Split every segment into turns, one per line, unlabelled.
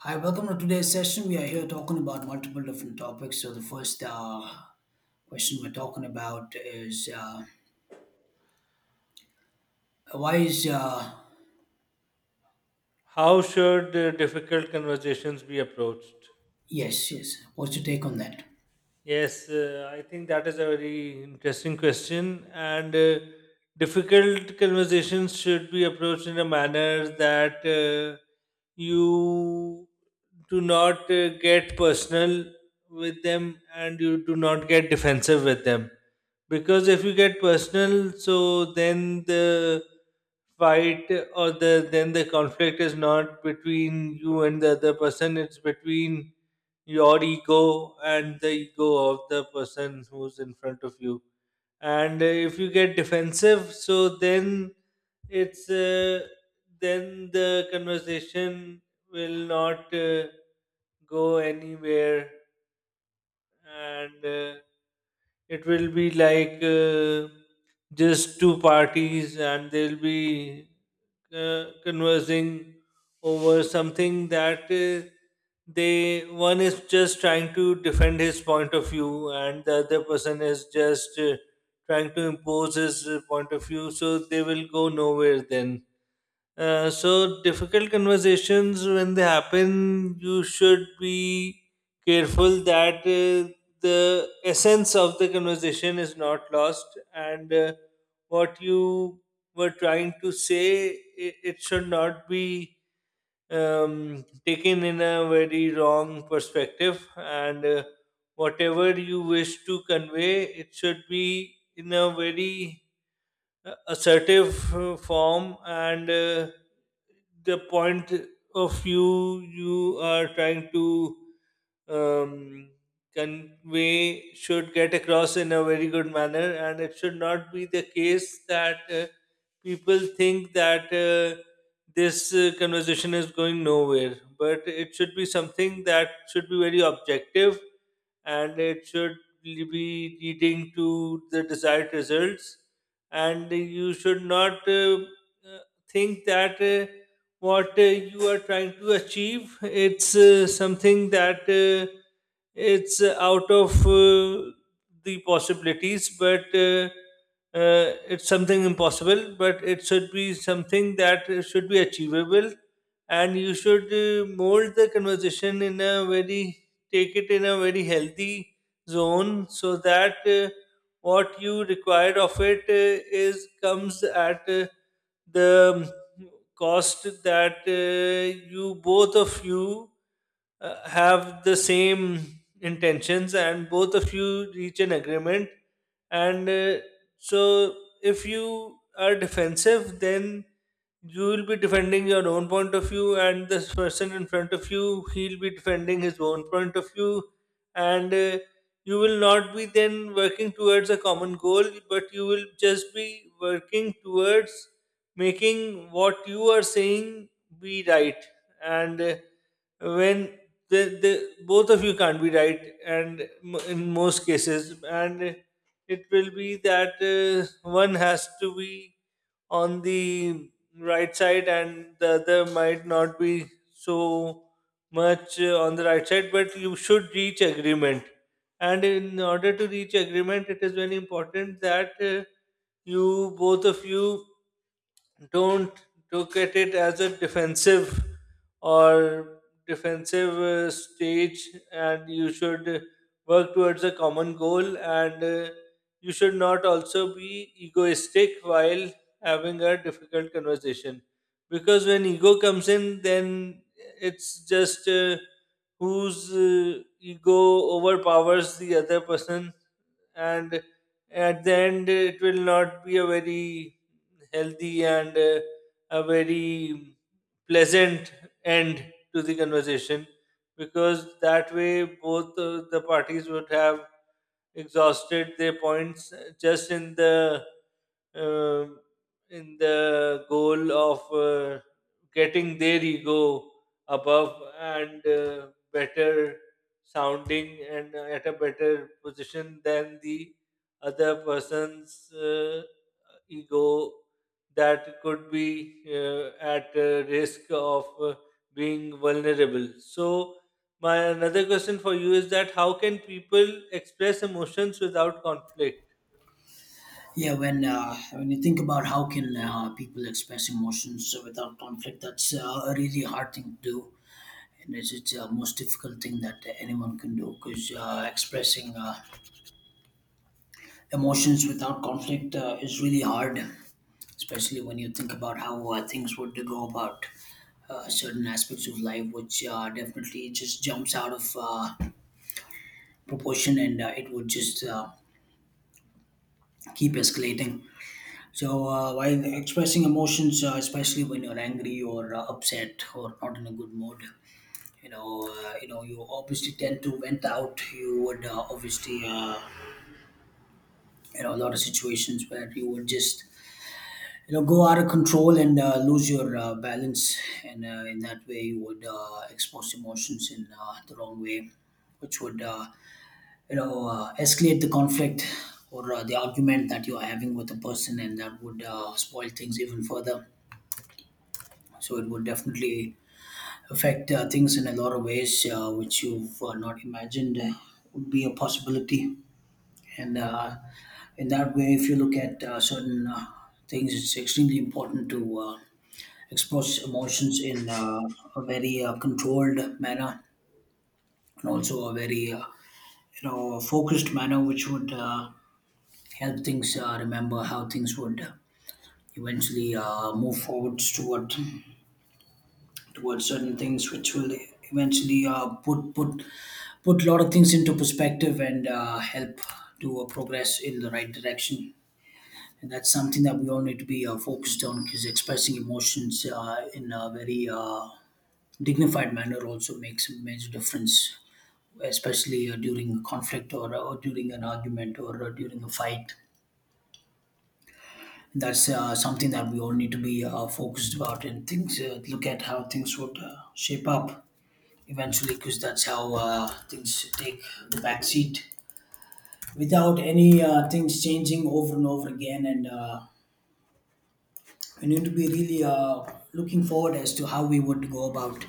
Hi, welcome to today's session. We are here talking about multiple different topics. So the first question we're talking about is why is?
How should difficult conversations be approached?
Yes, yes. What's your take on that?
Yes, I think that is a very interesting question, and difficult conversations should be approached in a manner that you do not get personal with them and you do not get defensive with them. Because if you get personal, so then the fight or the the conflict is not between you and the other person, it's between your ego and the ego of the person who's in front of you, and if you get defensive, so then it's then the conversation will not go anywhere, and it will be like just two parties, and they'll be conversing over something that they one is just trying to defend his point of view and the other person is just trying to impose his point of view, so they will go nowhere then. So difficult conversations, when they happen, you should be careful that the essence of the conversation is not lost, and what you were trying to say, it should not be taken in a very wrong perspective, and whatever you wish to convey, it should be in a very assertive form, and the point of view you are trying to um, convey should get across in a very good manner, and it should not be the case that people think that this conversation is going nowhere, but it should be something that should be very objective, and it should be leading to the desired results. And you should not uh, think that what you are trying to achieve, it's something that it's out of the possibilities, but it's something impossible, but it should be something that should be achievable. And you should mold the conversation in a very take it in a very healthy zone, so that what you require of it is comes at the um, cost that you both of you have the same intentions, and both of you reach an agreement. And so if you are defensive, then you will be defending your own point of view, and this person in front of you, he'll be defending his own point of view, and you will not be then working towards a common goal, but you will just be working towards making what you are saying be right. And when the both of you can't be right, and in most cases, and it will be that one has to be on the right side and the other might not be so much on the right side, but you should reach agreement. And in order to reach agreement, it is very important that you both of you don't look at it as a defensive or defensive stage, and you should work towards a common goal. And you should not also be egoistic while having a difficult conversation, because when ego comes in, then it's just whose ego overpowers the other person, and at the end it will not be a very healthy and a very pleasant end to the conversation, because that way both the parties would have exhausted their points just um, in the goal of getting their ego above and better sounding, and at a better position than the other person's ego, that could be at risk of being vulnerable. So, my another question for you is that how can people express emotions without conflict?
Yeah, when you think about how can people express emotions without conflict, that's a really hard thing to do, and it's the most difficult thing that anyone can do because expressing. Emotions without conflict is really hard, especially when you think about how things would go about certain aspects of life, which definitely just jumps out of proportion, and it would just keep escalating. So, while expressing emotions, especially when you're angry or upset or not in a good mood, you obviously tend to vent out. You would obviously a lot of situations where you would just go out of control and lose your balance, and in that way you would expose emotions in the wrong way, which would escalate the conflict or the argument that you are having with a person, and that would spoil things even further. So it would definitely affect things in a lot of ways which you've not imagined would be a possibility. And in that way, if you look at certain things, it's extremely important to express emotions in a very controlled manner, and also a very focused manner, which would help things remember how things would eventually move forwards toward towards certain things which will eventually put a lot of things into perspective and help to progress in the right direction. And that's something that we all need to be focused on, because expressing emotions in a very dignified manner also makes a major difference, especially during a conflict, or during an argument, or during a fight. That's something that we all need to be focused about, and things. Look at how things would shape up eventually, because that's how things take the back seat without any things changing over and over again. And we need to be really looking forward as to how we would go about,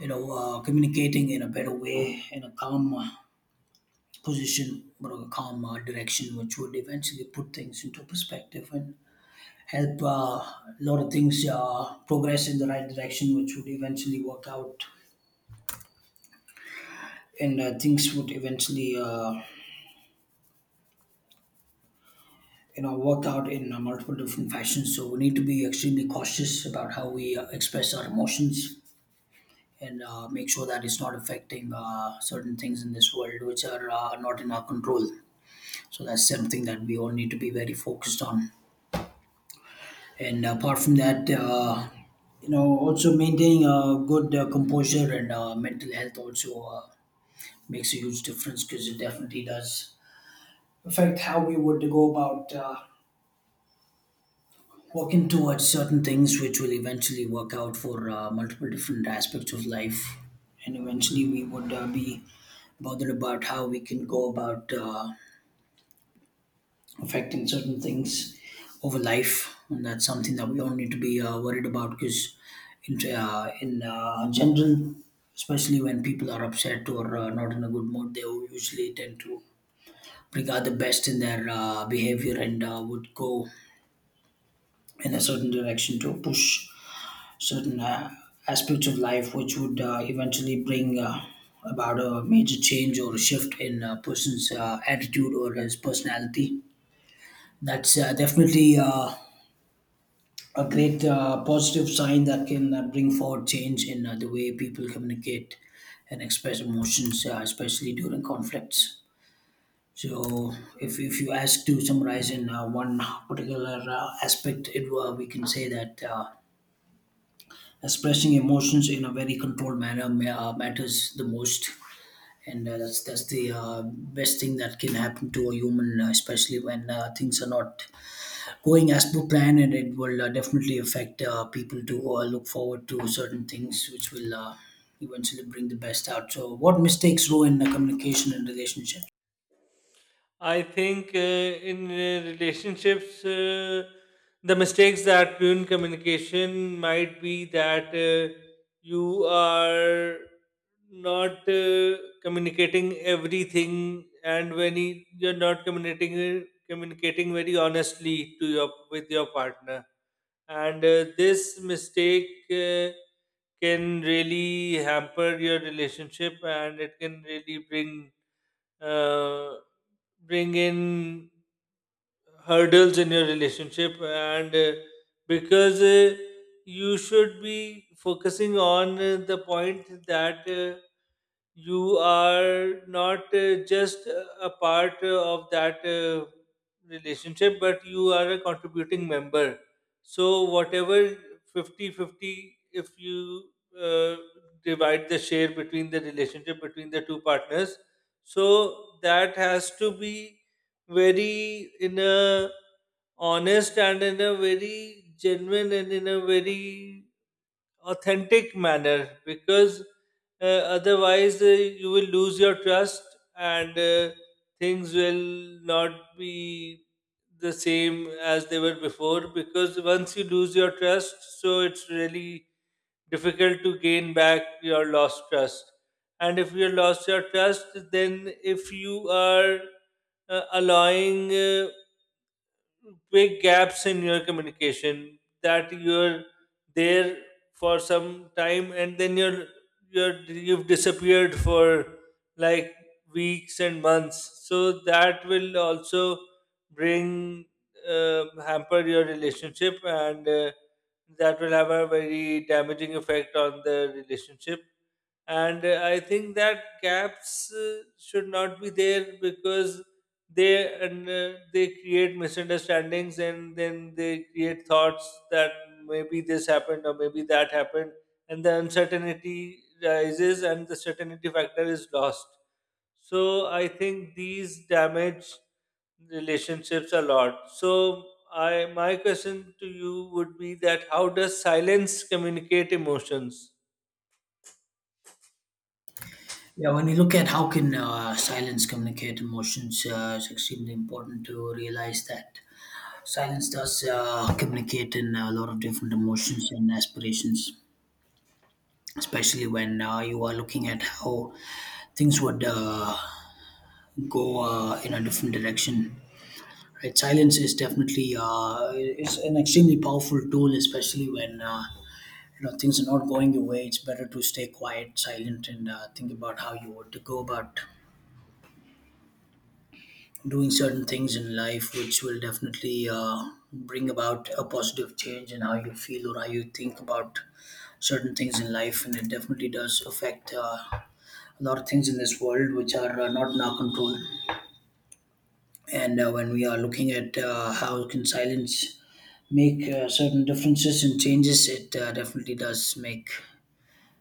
communicating in a better way, in a calm position, but a calm direction, which would eventually put things into perspective and help a lot of things progress in the right direction, which would eventually work out. And things would eventually work out in multiple different fashions. So we need to be extremely cautious about how we express our emotions, and make sure that it's not affecting certain things in this world which are not in our control. So that's something that we all need to be very focused on. And apart from that, also maintaining a good composure and mental health also makes a huge difference, because it definitely does affect how we would go about working towards certain things, which will eventually work out for multiple different aspects of life. And eventually, we would be bothered about how we can go about affecting certain things over life, and that's something that we all need to be worried about, because in general, especially when people are upset or not in a good mood, they usually tend to bring out the best in their behavior and would go in a certain direction to push certain aspects of life, which would eventually bring about a major change or a shift in a person's attitude or his personality. That's definitely a great positive sign that can bring forward change in the way people communicate and express emotions, especially during conflicts. So, if you ask to summarize in one particular aspect, it we can say that expressing emotions in a very controlled manner matters the most, and that's the best thing that can happen to a human, especially when things are not going as per plan, and it will definitely affect people to look forward to certain things which will eventually bring the best out. So what mistakes ruin communication and relationships?
I think in relationships, the mistakes that ruin communication might be that you are not communicating everything, and when you're not communicating very honestly to your with your partner, and this mistake can really hamper your relationship, and it can really uh, bring in hurdles in your relationship. And because you should be focusing on the point that you are not just a part of that relationship, but you are a contributing member. So, whatever, fifty-fifty, if you uh, divide the share between the two partners, so that has to be very, in a honest and in a very genuine and in a very authentic manner, because uh, otherwise you will lose your trust, and things will not be the same as they were before, because once you lose your trust, so it's really difficult to gain back your lost trust. And if you lost your trust, then if you are allowing big gaps in your communication, that you're there for some time, and then you've disappeared for like weeks and months, so that will also bring hamper your relationship, and that will have a very damaging effect on the relationship. And I think that gaps should not be there, because they create misunderstandings, and then they create thoughts that maybe this happened or maybe that happened, and the uncertainty rises and the certainty factor is lost. So I think these damage relationships a lot. So I my question to you would be that how does silence communicate emotions?
Yeah, when you look at how can silence communicate emotions, it's extremely important to realize that silence does communicate in a lot of different emotions and aspirations, especially when you are looking at how things would go in a different direction. Right, silence is definitely it's an extremely powerful tool, especially when you know, things are not going your way. It's better to stay quiet, silent, and think about how you want to go about doing certain things in life, which will definitely bring about a positive change in how you feel or how you think about certain things in life. And it definitely does affect a lot of things in this world which are not in our control. And when we are looking at how can silence make certain differences and changes, it definitely does make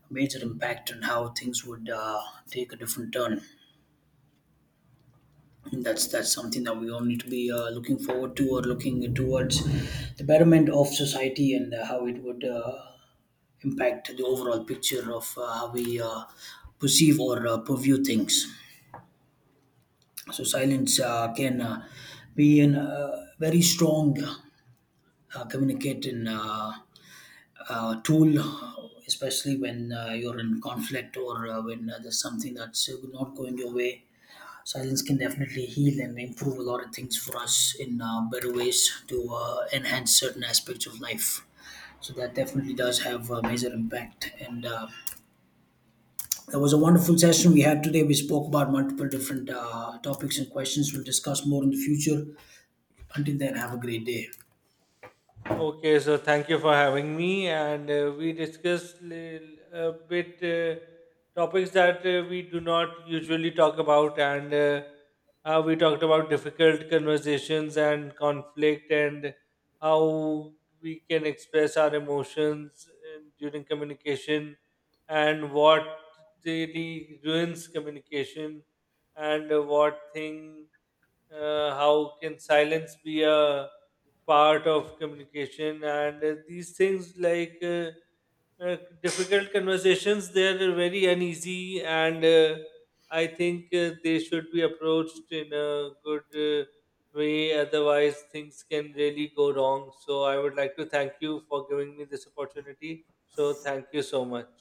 a major impact on how things would take a different turn. And that's something that we all need to be looking forward to, or looking towards the betterment of society and how it would impact the overall picture of how we perceive or purview things. So silence can be a very strong communicating tool, especially when you're in conflict, or when there's something that's not going your way. Silence can definitely heal and improve a lot of things for us in better ways to enhance certain aspects of life. So that definitely does have a major impact. And that was a wonderful session we had today. We spoke about multiple different topics and questions. We'll discuss more in the future. Until then, have a great day.
Okay, so thank you for having me, and we discussed a bit topics that we do not usually talk about, and how we talked about difficult conversations and conflict, and how we can express our emotions during communication, and what really ruins communication, and what thing how can silence be a part of communication. And these things, like uh, difficult conversations, they're very uneasy, and I think they should be approached in a good way, otherwise things can really go wrong. So I would like to thank you for giving me this opportunity, so thank you so much.